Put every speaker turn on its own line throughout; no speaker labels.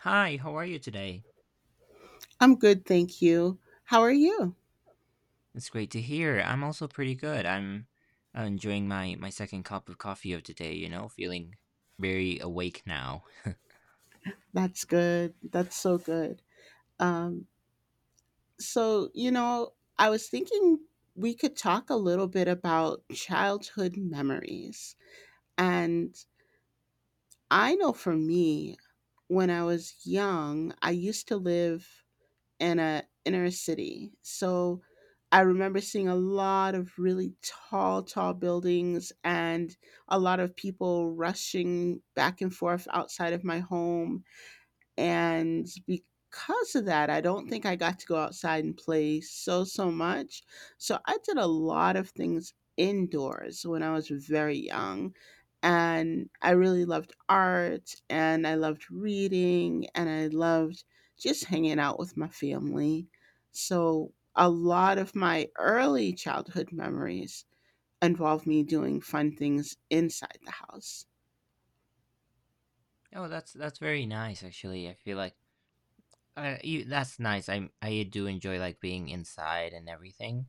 Hi, how are you today?
I'm good, thank you. How are you?
It's great to hear. I'm also pretty good. I'm enjoying my second cup of coffee of today, feeling very awake now.
That's good. That's so good. Um, I was thinking we could talk a little bit about childhood memories. And I know for me, when I was young, I used to live in a inner city. So I remember seeing a lot of really tall buildings and a lot of people rushing back and forth outside of my home. And because of that, I don't think I got to go outside and play so much. So I did a lot of things indoors when I was very young. And I really loved art and I loved reading and I loved just hanging out with my family. So a lot of my early childhood memories involve me doing fun things inside the house.
Oh, that's very nice actually. I feel like you, that's nice. I do enjoy like being inside and everything.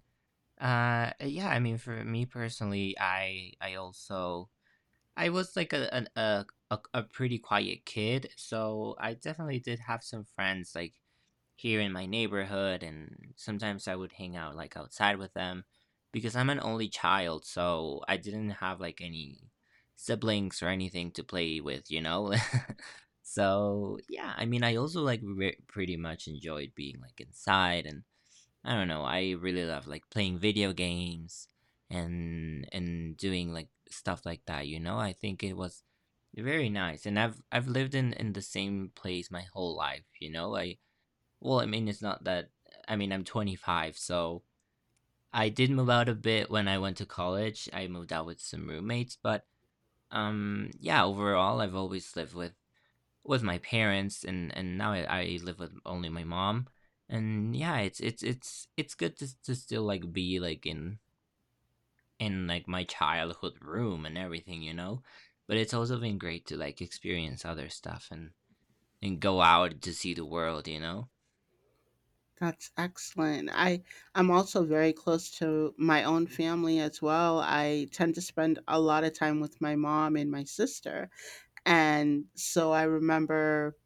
Yeah, I mean for me personally, I also I was like a an, a pretty quiet kid, so I definitely did have some friends like here in my neighborhood and sometimes I would hang out like outside with them because I'm an only child, so I didn't have like any siblings or anything to play with, you know? So, yeah, I mean, I also like pretty much enjoyed being like inside, and I don't know, I really love like playing video games and doing like stuff like that, you know? I think it was very nice, and I've lived in the same place my whole life, you know. I well, I mean, it's not that. I mean, I'm 25, so I did move out a bit when I went to college. I moved out with some roommates, but yeah, overall I've always lived with my parents, and now I live with only my mom. And yeah, it's good to still like be like in like my childhood room and everything, you know? But it's also been great to like experience other stuff and go out to see the world, you know?
That's excellent. I'm also very close to my own family as well. I tend to spend a lot of time with my mom and my sister. And so I remember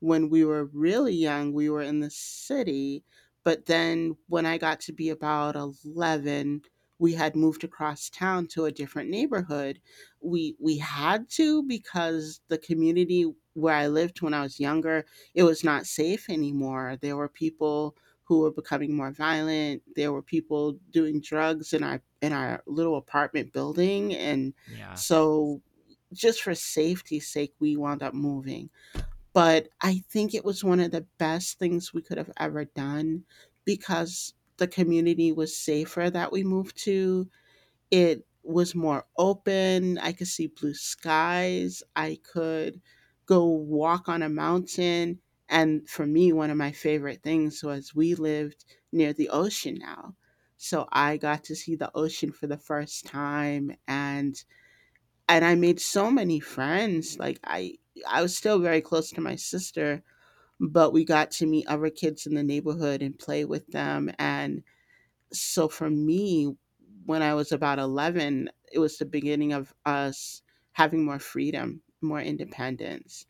when we were really young, we were in the city. But then when I got to be about 11, we had moved across town to a different neighborhood. We had to because the community where I lived when I was younger, it was not safe anymore. There were people who were becoming more violent. There were people doing drugs in our little apartment building. And
Yeah.
so just for safety's sake, we wound up moving, but I think it was one of the best things we could have ever done because the community was safer that we moved to. It was more open. I could see blue skies. I could go walk on a mountain. And for me, one of my favorite things was we lived near the ocean now. So I got to see the ocean for the first time, and I made so many friends. Like I was still very close to my sister, but we got to meet other kids in the neighborhood and play with them. And so for me, when I was about 11, it was the beginning of us having more freedom, more independence.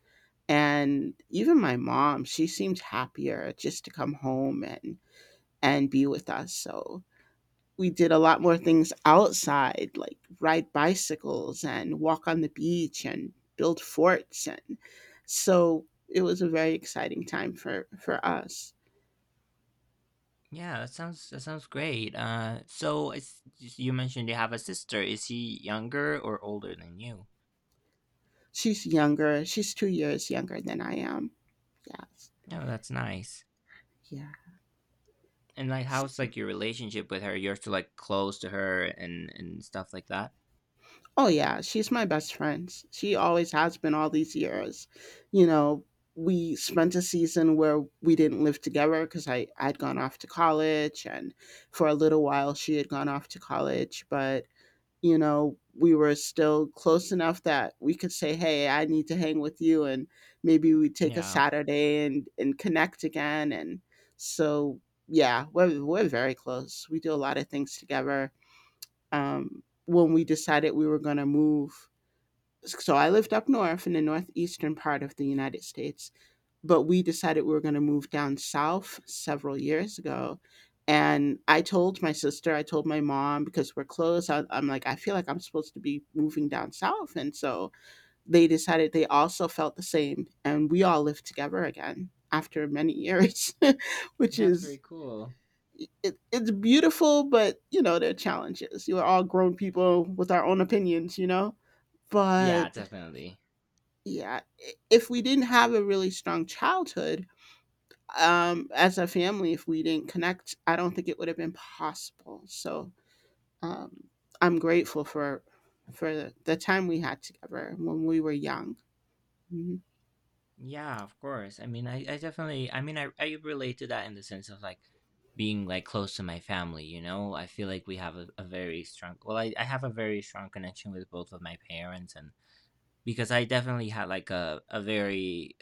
And even my mom, she seemed happier just to come home and be with us. So we did a lot more things outside, like ride bicycles and walk on the beach and build forts. And so it was a very exciting time for us.
Yeah, that sounds great. So, you mentioned you have a sister. Is she younger or older than you?
She's younger. She's 2 years younger than I am. Yes.
No, that's nice.
Yeah.
And like, how's
S-
like your relationship with her? You're still like close to her and stuff like that.
Oh, yeah. She's my best friend. She always has been all these years. You know, we spent a season where we didn't live together because I'd gone off to college, and for a little while she had gone off to college. But you know, we were still close enough that we could say, "Hey, I need to hang with you." And maybe we take a
Yeah,
Saturday and connect again. And so, yeah, we're very close. We do a lot of things together. When we decided we were going to move, so I lived up north in the northeastern part of the United States, but we decided we were going to move down south several years ago. And I told my sister, I told my mom because we're close. I'm like, I feel like I'm supposed to be moving down south. And so they decided they also felt the same. And we all lived together again after many years, which
that's very
is,
cool.
it, it's beautiful, but you know, there are challenges. You're all grown people with our own opinions, you know?
Yeah,
But
definitely.
yeah, if we didn't have a really strong childhood, as a family, if we didn't connect, I don't think it would have been possible. So um, I'm grateful for the time we had together when we were young. Mhm.
Yeah, of course. I mean, I definitely. I mean, I relate to that in the sense of like being like close to my family. You know, I feel like we have a very strong. Well, I have a very strong connection with both of my parents, and because I definitely had like a very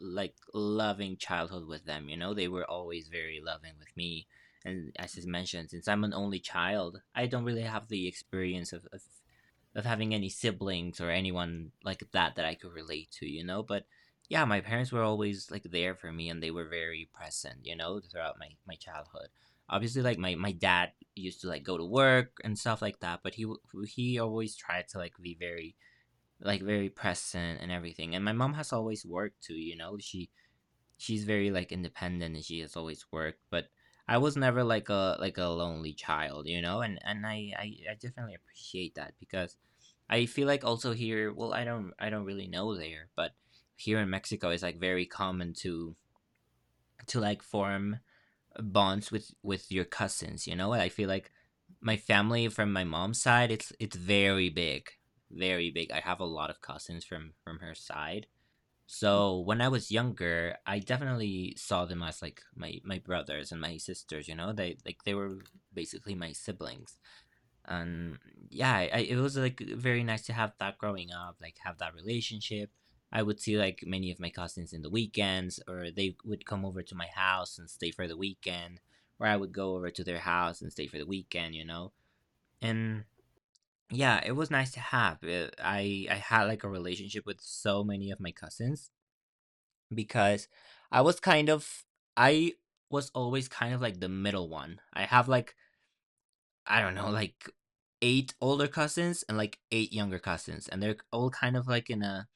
like loving childhood with them. You know, they were always very loving with me. And as I mentioned, since I'm an only child, I don't really have the experience of having any siblings or anyone like that that I could relate to, you know. But yeah, my parents were always like there for me, and they were very present, you know, throughout my childhood. Obviously, like my dad used to like go to work and stuff like that, but he always tried to like be very like, very present and everything, and my mom has always worked too, you know? She's very, like, independent, and she has always worked, but I was never like a like a lonely child, you know? And I definitely appreciate that, because I feel like also here, well, I don't really know there, but here in Mexico, it's, like, very common to, like, form bonds with your cousins, you know. I feel like my family from my mom's side, it's very big, very big. I have a lot of cousins from her side. So when I was younger, I definitely saw them as like my brothers and my sisters, you know, they like they were basically my siblings. And yeah, it was like very nice to have that growing up, like have that relationship. I would see like many of my cousins in the weekends, or they would come over to my house and stay for the weekend, or I would go over to their house and stay for the weekend, you know. And yeah, it was nice to have. I had like a relationship with so many of my cousins, because i was kind of I was always kind of like the middle one. I have like, I don't know, like eight older cousins and like eight younger cousins, and they're all kind of like in a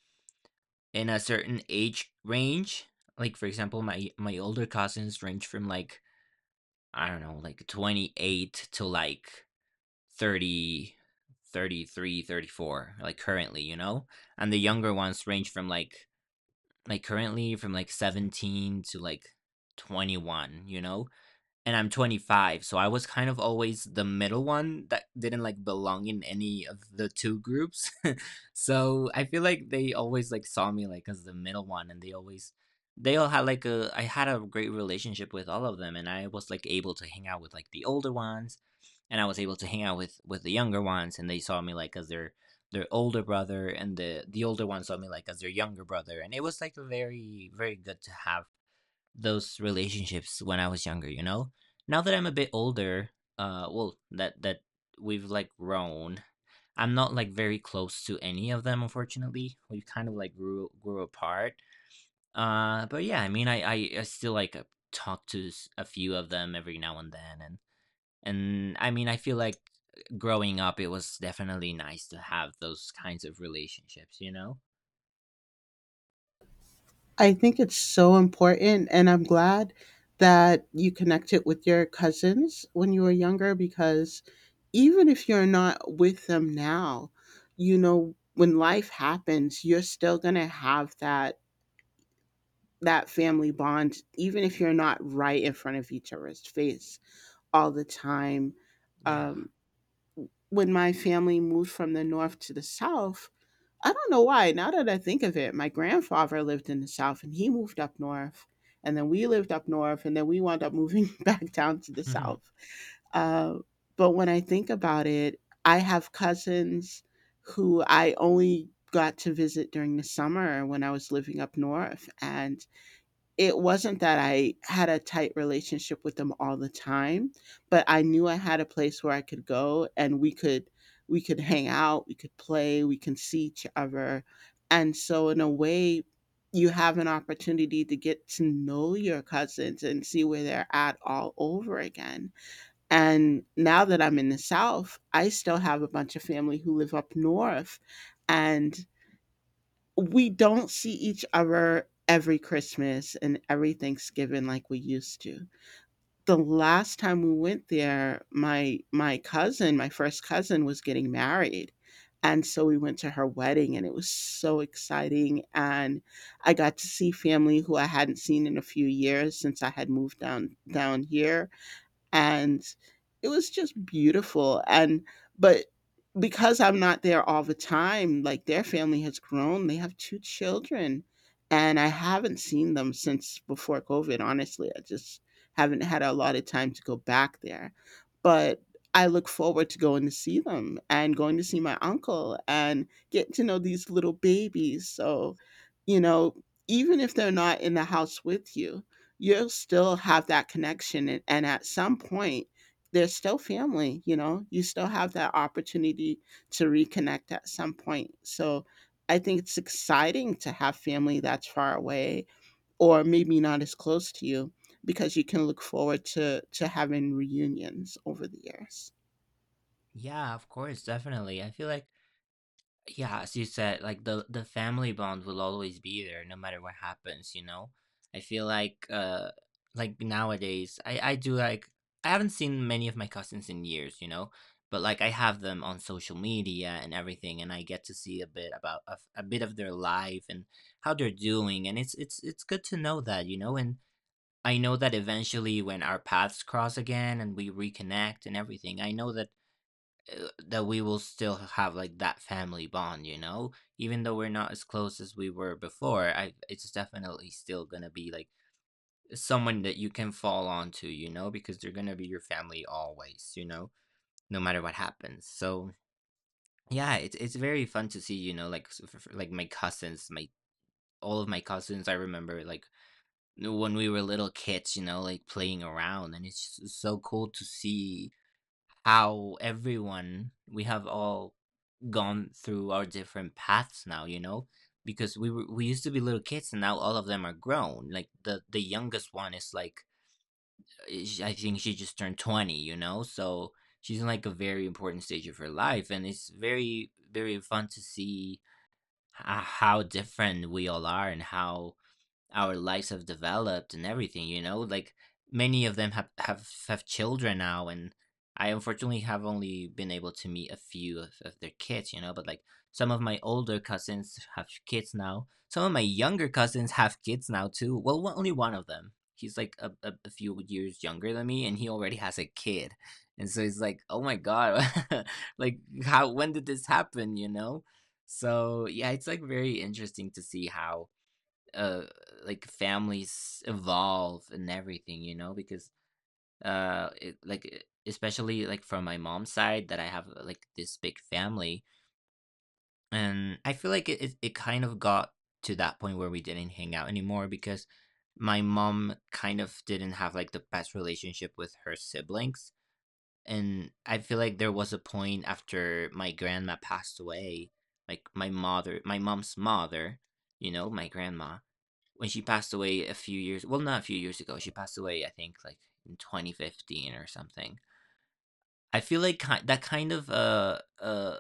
in a certain age range. Like for example, my older cousins range from like, I don't know, like 28 to like 30, 33, 34, like currently, you know? And the younger ones range from like currently from like 17 to like 21, you know? And I'm 25, so I was kind of always the middle one that didn't like belong in any of the two groups. So I feel like they always like saw me like as the middle one, and they always they all had like a I had a great relationship with all of them, and I was like able to hang out with like the older ones, and I was able to hang out with the younger ones, and they saw me like as their older brother, and the older ones saw me like as their younger brother, and it was like very very good to have those relationships when I was younger, you know? Now that I'm a bit older, well, that we've like grown. I'm not like very close to any of them, unfortunately. We kind of like grew apart. But yeah, I mean I still like, talk to a few of them every now and then, and I mean I feel like growing up it was definitely nice to have those kinds of relationships, you know?
I think it's so important, and I'm glad that you connected with your cousins when you were younger because even if you're not with them now, you know, when life happens, you're still gonna have that that family bond, even if you're not right in front of each other's face all the time. Um,
Yeah.
when my family moved from the North to the South, I don't know why. Now that I think of it, my grandfather lived in the South and he moved up North. And then we lived up North and then we wound up moving back down to the South. Uh, but when I think about it, I have cousins who I only got to visit during the summer when I was living up north. And it wasn't that I had a tight relationship with them all the time, but I knew I had a place where I could go and we could hang out, we could play, we can see each other. And so in a way, you have an opportunity to get to know your cousins and see where they're at all over again. And now that I'm in the South, I still have a bunch of family who live up north. And we don't see each other every Christmas and every Thanksgiving like we used to. The last time we went there, my cousin, my first cousin was getting married. And so we went to her wedding and it was so exciting. And I got to see family who I hadn't seen in a few years since I had moved down here. And it was just beautiful. And but because I'm not there all the time, like their family has grown. They have two children, and I haven't seen them since before COVID. Honestly, I just haven't had a lot of time to go back there. But I look forward to going to see them and going to see my uncle and get to know these little babies. So, you know, even if they're not in the house with you, you'll still have that connection. And at some point, they're still family, you know, you still have that opportunity to reconnect at some point. So I think it's exciting to have family that's far away or maybe not as close to you because you can look forward to having reunions over the years.
Yeah, of course, definitely. I feel like, yeah, as you said, like the family bond will always be there no matter what happens, you know? I feel like, like nowadays, I do like I haven't seen many of my cousins in years, you know? But like I have them on social media and everything, and I get to see a bit of their life and how they're doing, and it's good to know that, you know. And I know that eventually when our paths cross again and we reconnect and everything, I know that we will still have like that family bond, you know. Even though we're not as close as we were before, I it's definitely still going to be like someone that you can fall onto, you know, because they're going to be your family always, you know, no matter what happens. So, yeah, it's very fun to see, you know, like like my cousins, my all of my cousins. I remember like when we were little kids, you know, like playing around, and it's just so cool to see how everyone we have all gone through our different paths now, you know, because we used to be little kids, and now all of them are grown. Like the youngest one is like, I think she just turned 20, you know, so she's in like a very important stage of her life, and it's very very fun to see h- how different we all are and how our lives have developed and everything, you know, like many of them have have children now. And I unfortunately have only been able to meet a few of their kids, you know, but like some of my older cousins have kids now, some of my younger cousins have kids now too. Well, only one of them, he's like a few years younger than me, and he already has a kid. And so it's like, oh my god. Like how when did this happen, you know. So yeah, it's like very interesting to see how uh like families evolve and everything, you know. Because uh it, like e- especially like from my mom's side that I have, like this big family, and I feel like it kind of got to that point where we didn't hang out anymore, because my mom kind of didn't have like the best relationship with her siblings. And I feel like there was a point after my grandma passed away, like my mother, my mom's mother, you know, my grandma, when she passed away a few years, well, not a few years ago, she passed away, I think, like in 2015 or something. I feel like that kind of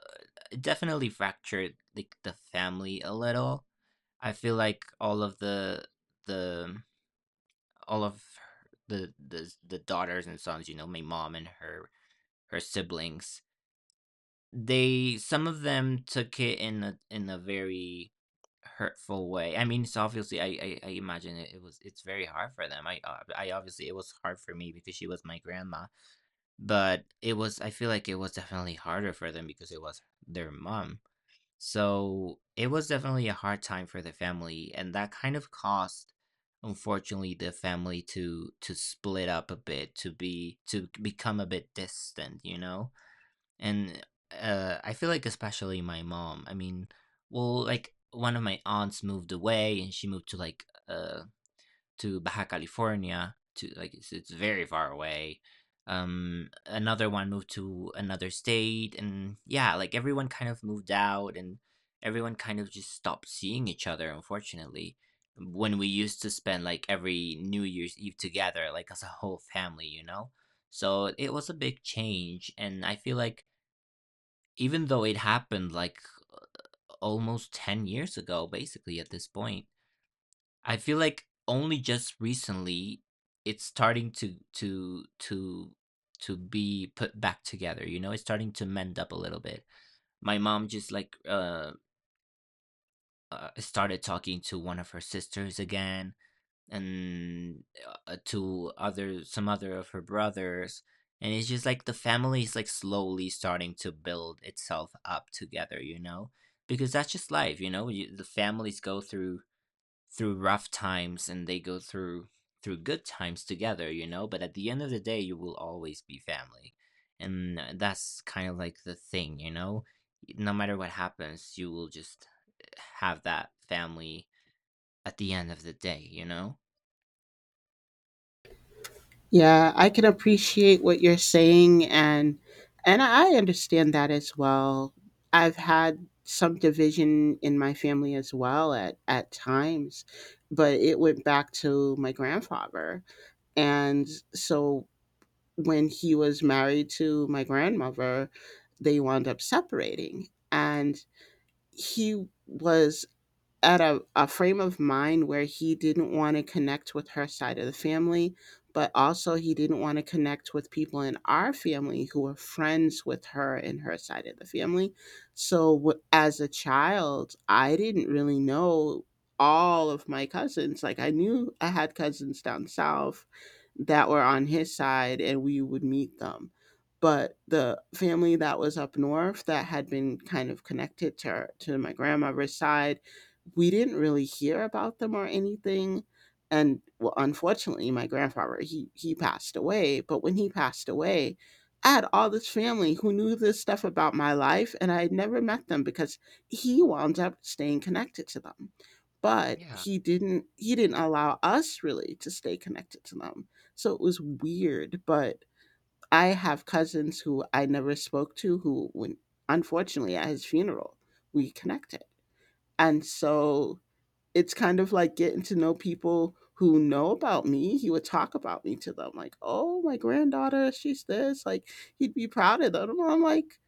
definitely fractured like the family a little. I feel like the all of her, the daughters and sons, you know, my mom and her, siblings. They Some of them took it in a very hurtful way. I mean, so obviously I imagine it's very hard for them. I obviously it was hard for me because she was my grandma, but it was I feel like it was definitely harder for them because it was their mom. So it was definitely a hard time for the family, and that kind of caused unfortunately the family to split up a bit to become a bit distant, you know. And I feel like especially my mom, I mean, well, like, one of my aunts moved away, and she moved to, like, to Baja California. To, like, it's very far away. Another one moved to another state, and, yeah, like, everyone kind of moved out, and everyone kind of just stopped seeing each other, unfortunately. When we used to spend, like, every New Year's Eve together, like, as a whole family, you know? So it was a big change, and I feel like, even though it happened like almost 10 years ago, basically at this point I feel like only just recently it's starting to be put back together, you know. It's starting to mend up a little bit. My mom just, like, started talking to one of her sisters again, and to other some other of her brothers. And it's just like the family is, like, slowly starting to build itself up together, you know, because that's just life. You know, the families go through through rough times, and they go through good times together, you know, but at the end of the day, you will always be family. And that's kind of like the thing, you know. No matter what happens, you will just have that family at the end of the day, you know.
Yeah, I can appreciate what you're saying, and I understand that as well. I've had some division in my family as well at times, but it went back to my grandfather. And so when he was married to my grandmother, they wound up separating. And he was at a frame of mind where he didn't want to connect with her side of the family, but also he didn't want to connect with people in our family who were friends with her and her side of the family. So, as a child, I didn't really know all of my cousins. Like, I knew I had cousins down south that were on his side, and we would meet them. But the family that was up north that had been kind of connected to, her, to my grandmother's side, we didn't really hear about them or anything. And well, unfortunately, my grandfather he passed away. But when he passed away, I had all this family who knew this stuff about my life, and I had never met them because he wound up staying connected to them. But
Yeah.
he didn't allow us really to stay connected to them. So it was weird. But I have cousins who I never spoke to who, when unfortunately at his funeral, we connected. And so it's kind of like getting to know people who know about me. He would talk about me to them, like, oh, my granddaughter, she's this. Like, he'd be proud of them. And I'm like,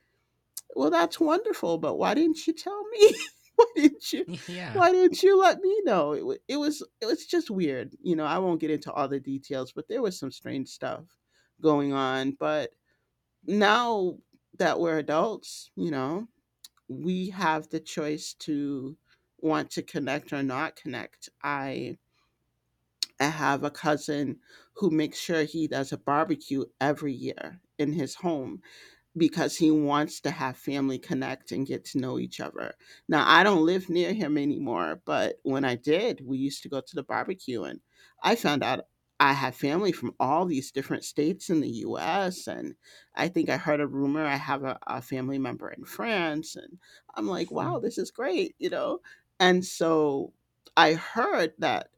well, that's wonderful, but why didn't you tell me? Why didn't you?
Yeah.
Why didn't you let me know? It was, it was just weird. You know, I won't get into all the details, but there was some strange stuff going on. But now that we're adults, you know, we have the choice to want to connect or not connect. I have a cousin who makes sure he does a barbecue every year in his home because he wants to have family connect and get to know each other. Now, I don't live near him anymore, but when I did, we used to go to the barbecue. And I found out I have family from all these different states in the US. And I think I heard a rumor I have a family member in France. And I'm like, wow, this is great, you know? And so I heard that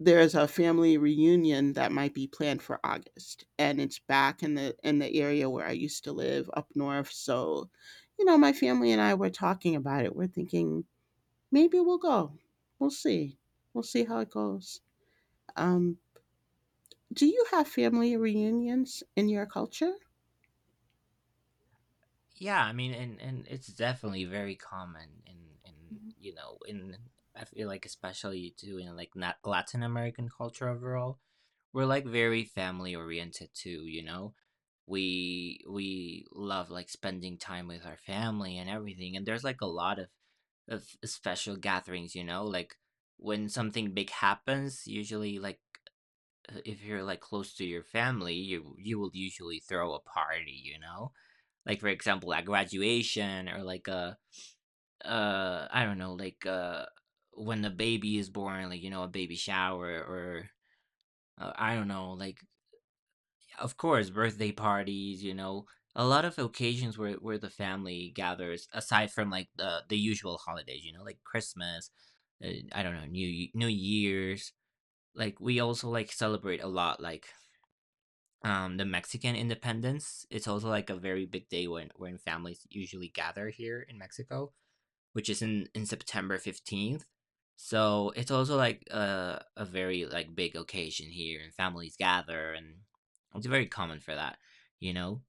there's a family reunion that might be planned for August and it's back in the area where I used to live up north. So you know, my family and I were talking about it. We're thinking maybe we'll go. We'll see. We'll see how it goes. um do you have family reunions in your culture?
Yeah, I mean, and it's definitely very common in in you know in, I feel like especially too in, like, not Latin American culture overall. We're like very family oriented too. You know, we love like spending time with our family and everything, and there's like a lot of special gatherings. You know, like when something big happens, usually like, if you're like close to your family, you will usually throw a party. You know, like, for example, at graduation or like a I don't know, like, when the baby is born, like, you know, a baby shower, or I don't know, like, of course, birthday parties, you know, a lot of occasions where the family gathers aside from like the usual holidays, you know, like Christmas, I don't know, new year's. Like, we also like celebrate a lot, like, the Mexican independence. It's also like a very big day when families usually gather here in Mexico, which is in September 15th. So it's also like a very like big occasion here, and families gather, and it's very common for that, you know.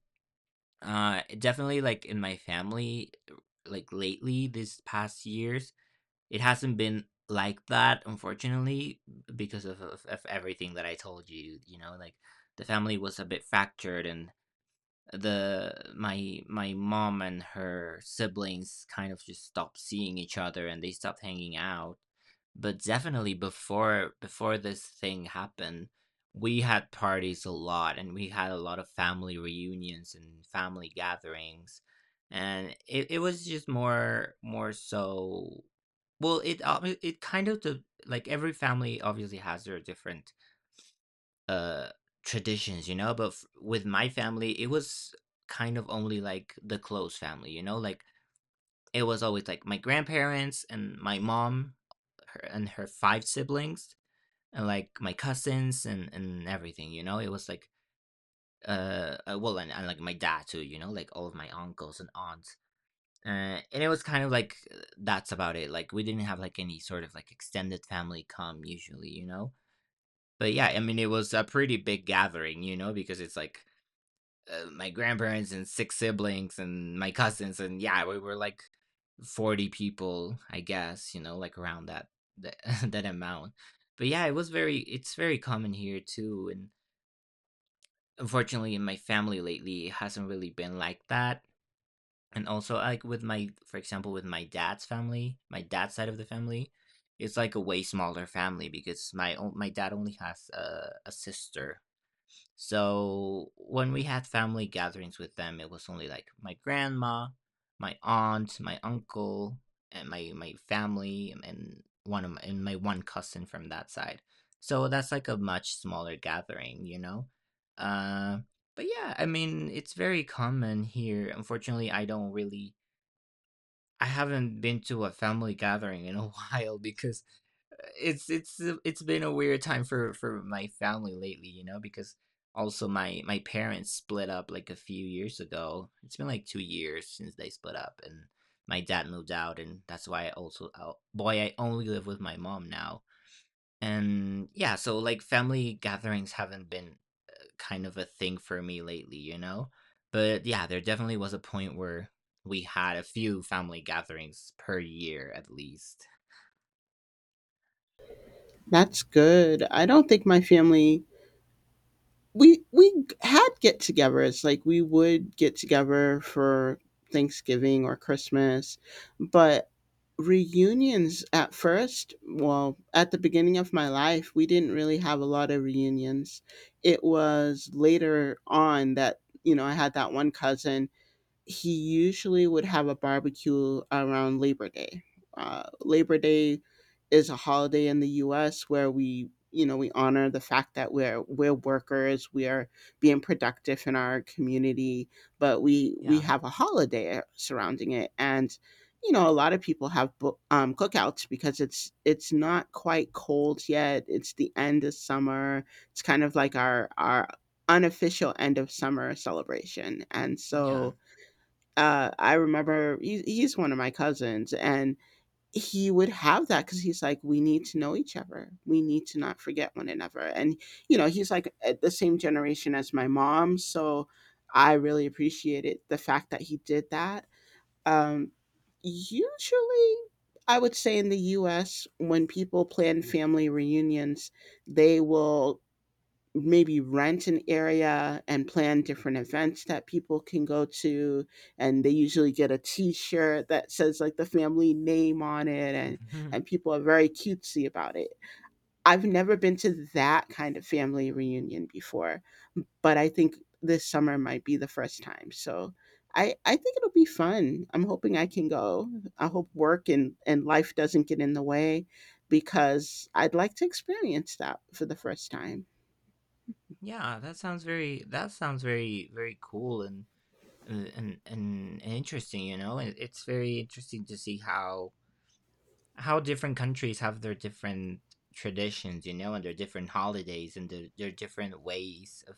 Uh, definitely like in my family, like lately, these past years, it hasn't been like that, unfortunately, because of everything that I told you, you know, like, the family was a bit fractured, and the my mom and her siblings kind of just stopped seeing each other, and they stopped hanging out. But definitely before this thing happened, we had parties a lot, and we had a lot of family reunions and family gatherings. And it was just more so. Well, it kind of the like every family obviously has their different uh traditions, you know, but with my family, it was kind of only like the close family, you know, like it was always like my grandparents and my mom, her and her five siblings, and like my cousins and everything, you know. It was like, well, and like my dad too, you know, like all of my uncles and aunts. And it was kind of like, that's about it. Like, we didn't have like any sort of like extended family come usually, you know. But yeah, I mean, it was a pretty big gathering, you know, because it's like, my grandparents and six siblings and my cousins. And yeah, we were like 40 people, I guess, you know, like around that, that amount. But yeah, it was very, it's very common here too. And unfortunately, in my family lately, it hasn't really been like that. And also, like, with my, for example, with my dad's family, my dad's side of the family, it's like a way smaller family because my dad only has a sister. So when we had family gatherings with them, it was only like my grandma, my aunt, my uncle, and my family, and my one cousin from that side. So that's like a much smaller gathering, you know. Uh, but yeah, I mean, it's very common here. Unfortunately, I don't really, I haven't been to a family gathering in a while because it's it's been a weird time for my family lately, you know, because also my parents split up like a few years ago. It's been like 2 years since they split up, and my dad moved out, and that's why I also, oh boy, I only live with my mom now. And yeah, so like family gatherings haven't been kind of a thing for me lately, you know? But yeah, there definitely was a point where we had a few family gatherings per year at least.
That's good. I don't think my family, we had get together. It's like we would get together for Thanksgiving or Christmas, but reunions, at first, well, at the beginning of my life we didn't really have a lot of reunions. It was later on that, you know, I had that one cousin. He usually would have a barbecue around Labor Day. Labor Day is a holiday in the U.S. where we, you know, we honor the fact that we're workers, we are being productive in our community, but we
Yeah.
have a holiday surrounding it, and you know, a lot of people have cookouts because it's not quite cold yet. It's the end of summer. It's kind of like our unofficial end of summer celebration, and
Yeah.
so I remember he's one of my cousins, and he would have that because he's like, we need to know each other. We need to not forget one another. And, you know, he's like at the same generation as my mom. So I really appreciated the fact that he did that. Um, usually, I would say in the US, when people plan family reunions, they will maybe rent an area and plan different events that people can go to, and they usually get a t-shirt that says like the family name on it,
Mhm.
and people are very cutesy about it. I've never been to that kind of family reunion before, but I think this summer might be the first time. So I think it'll be fun. I'm hoping I can go. I hope work and life doesn't get in the way, because I'd like to experience that for the first time.
Yeah, that sounds very, that sounds very, very cool and and and, and interesting, you know. And it's very interesting to see how different countries have their different traditions, you know, and their different holidays, and their different ways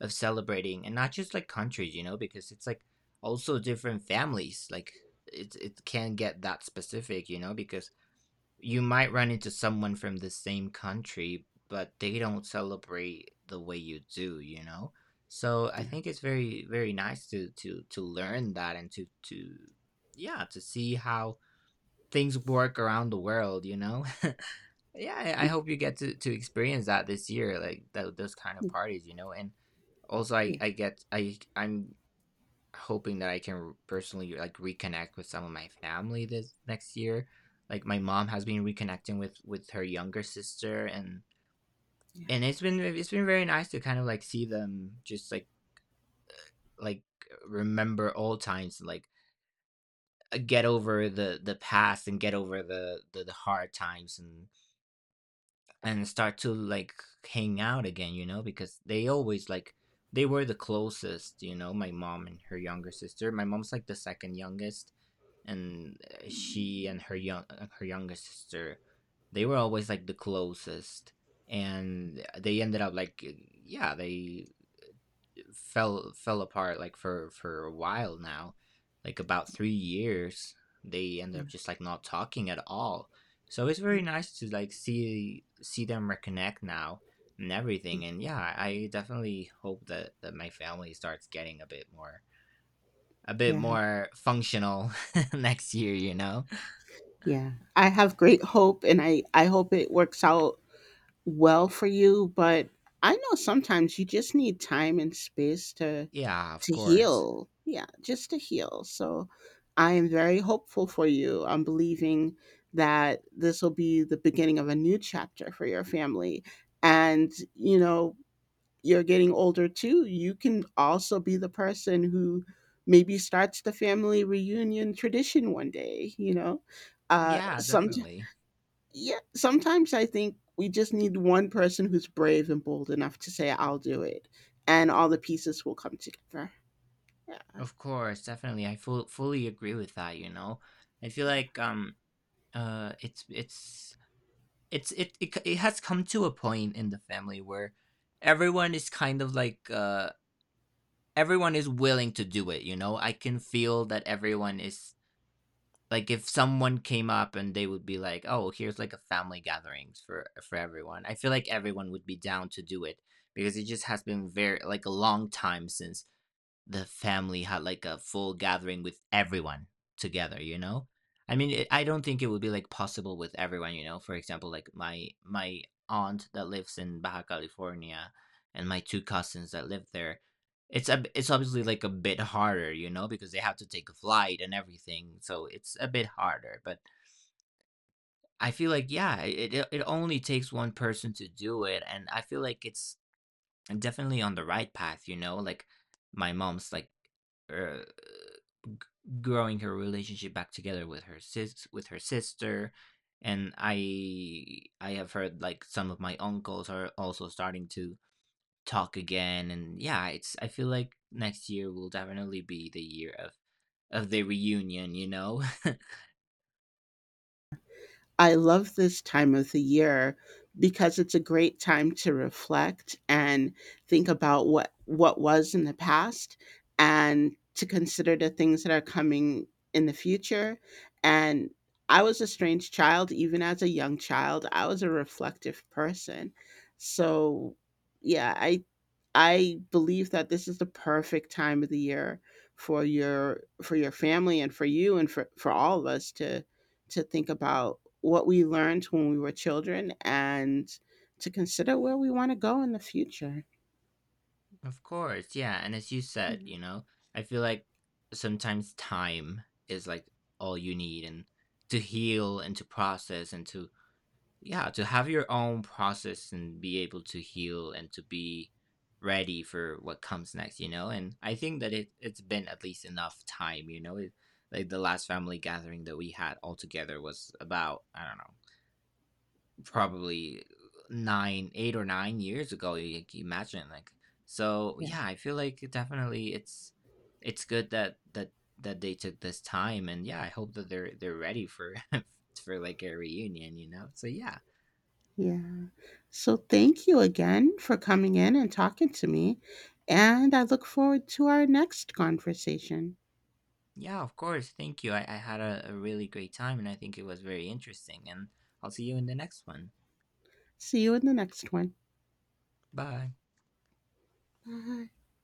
of celebrating, and not just like countries, you know, because it's like also different families. Like, it can get that specific, you know, because you might run into someone from the same country, but they don't celebrate the way you do, you know? So I
Yeah.
think it's very, very nice to learn that and to yeah, to see how things work around the world, you know? Yeah, I hope you get to experience that this year, like those kind of parties, you know? And also, I
Yeah.
I get I I'm Hoping that I can personally, like, reconnect with some of my family this next year. Like, my mom has been reconnecting with her younger sister, and it's been, it's been very nice to kind of, like, see them just, like, like, remember old times and, like, get over the past, and get over the hard times, and start to, like, hang out again, you know, because they always, like, they were the closest, my mom and her younger sister. My mom's, like, the 2nd youngest, and she and her younger sister, they were always like the closest. And they ended up like, yeah, they fell apart, like, for a while now, like, about 3 years. They ended up just like not talking at all. So it's very nice to like see them reconnect now and everything. And yeah, I definitely hope that that my family starts getting a bit more, a bit
Yeah,
more functional next year, you know.
yeah. I have great hope and I hope it works out well for you, but I know sometimes you just need time and space to
Yeah, of course.
heal. Yeah, just to heal. So I am very hopeful for you. I'm believing that this will be the beginning of a new chapter for your family. And you know, you're getting older too, you can also be the person who maybe starts the family reunion tradition one day, you know?
Yeah,
Some
definitely.
Yeah, sometimes I think we just need one person who's brave and bold enough to say I'll do it, and all the pieces will come together. Yeah.
Of course, definitely. I fully agree with that, you know. I feel like, uh it's it's it's it has come to a point in the family where everyone is kind of like, everyone is willing to do it, you know. I can feel that everyone is like, if someone came up and they would be like, "Oh, here's like a family gatherings for everyone," I feel like everyone would be down to do it, because it just has been very like a long time since the family had like a full gathering with everyone together, you know. I mean, it, I don't think it would be like possible with everyone, you know, for example, like my aunt that lives in Baja California and my two cousins that live there, it's a, it's obviously like a bit harder, you know, because they have to take a flight and everything, so it's a bit harder. But I feel like, yeah, it only takes one person to do it, and I feel like it's definitely on the right path, you know. Like, my mom's like, uh, growing her relationship back together with her sister. And I have heard like some of my uncles are also starting to talk again. And yeah, it's, I feel like next year will definitely be the year of the reunion, you know.
I love this time of the year because it's a great time to reflect and think about what was in the past and to consider the things that are coming in the future. And I was a strange child. Even as a young child, I was a reflective person. So yeah, I believe that this is the perfect time of the year for your family and for you and for all of us to think about what we learned when we were children and to consider where we want to go in the future.
Of course. Yeah, and as you said,
Mhm.
you know, I feel like sometimes time is like all you need, and to heal and to process and to, yeah, to have your own process and be able to heal and to be ready for what comes next, you know? And I think that it it's been at least enough time, you know? It, like, the last family gathering that we had all together was about, I don't know, probably 8 or 9 years ago. You can imagine, like, so
Yeah.
yeah, I feel like it definitely it's good that that that they took this time. And yeah, I hope that they're ready for for like a reunion, you know? So yeah.
Yeah. So thank you again for coming in and talking to me. And I look forward to our next conversation.
Yeah, of course. Thank you. I had a really great time, and I think it was very interesting. And I'll see you in the next one.
See you in the next one.
Bye.
Bye.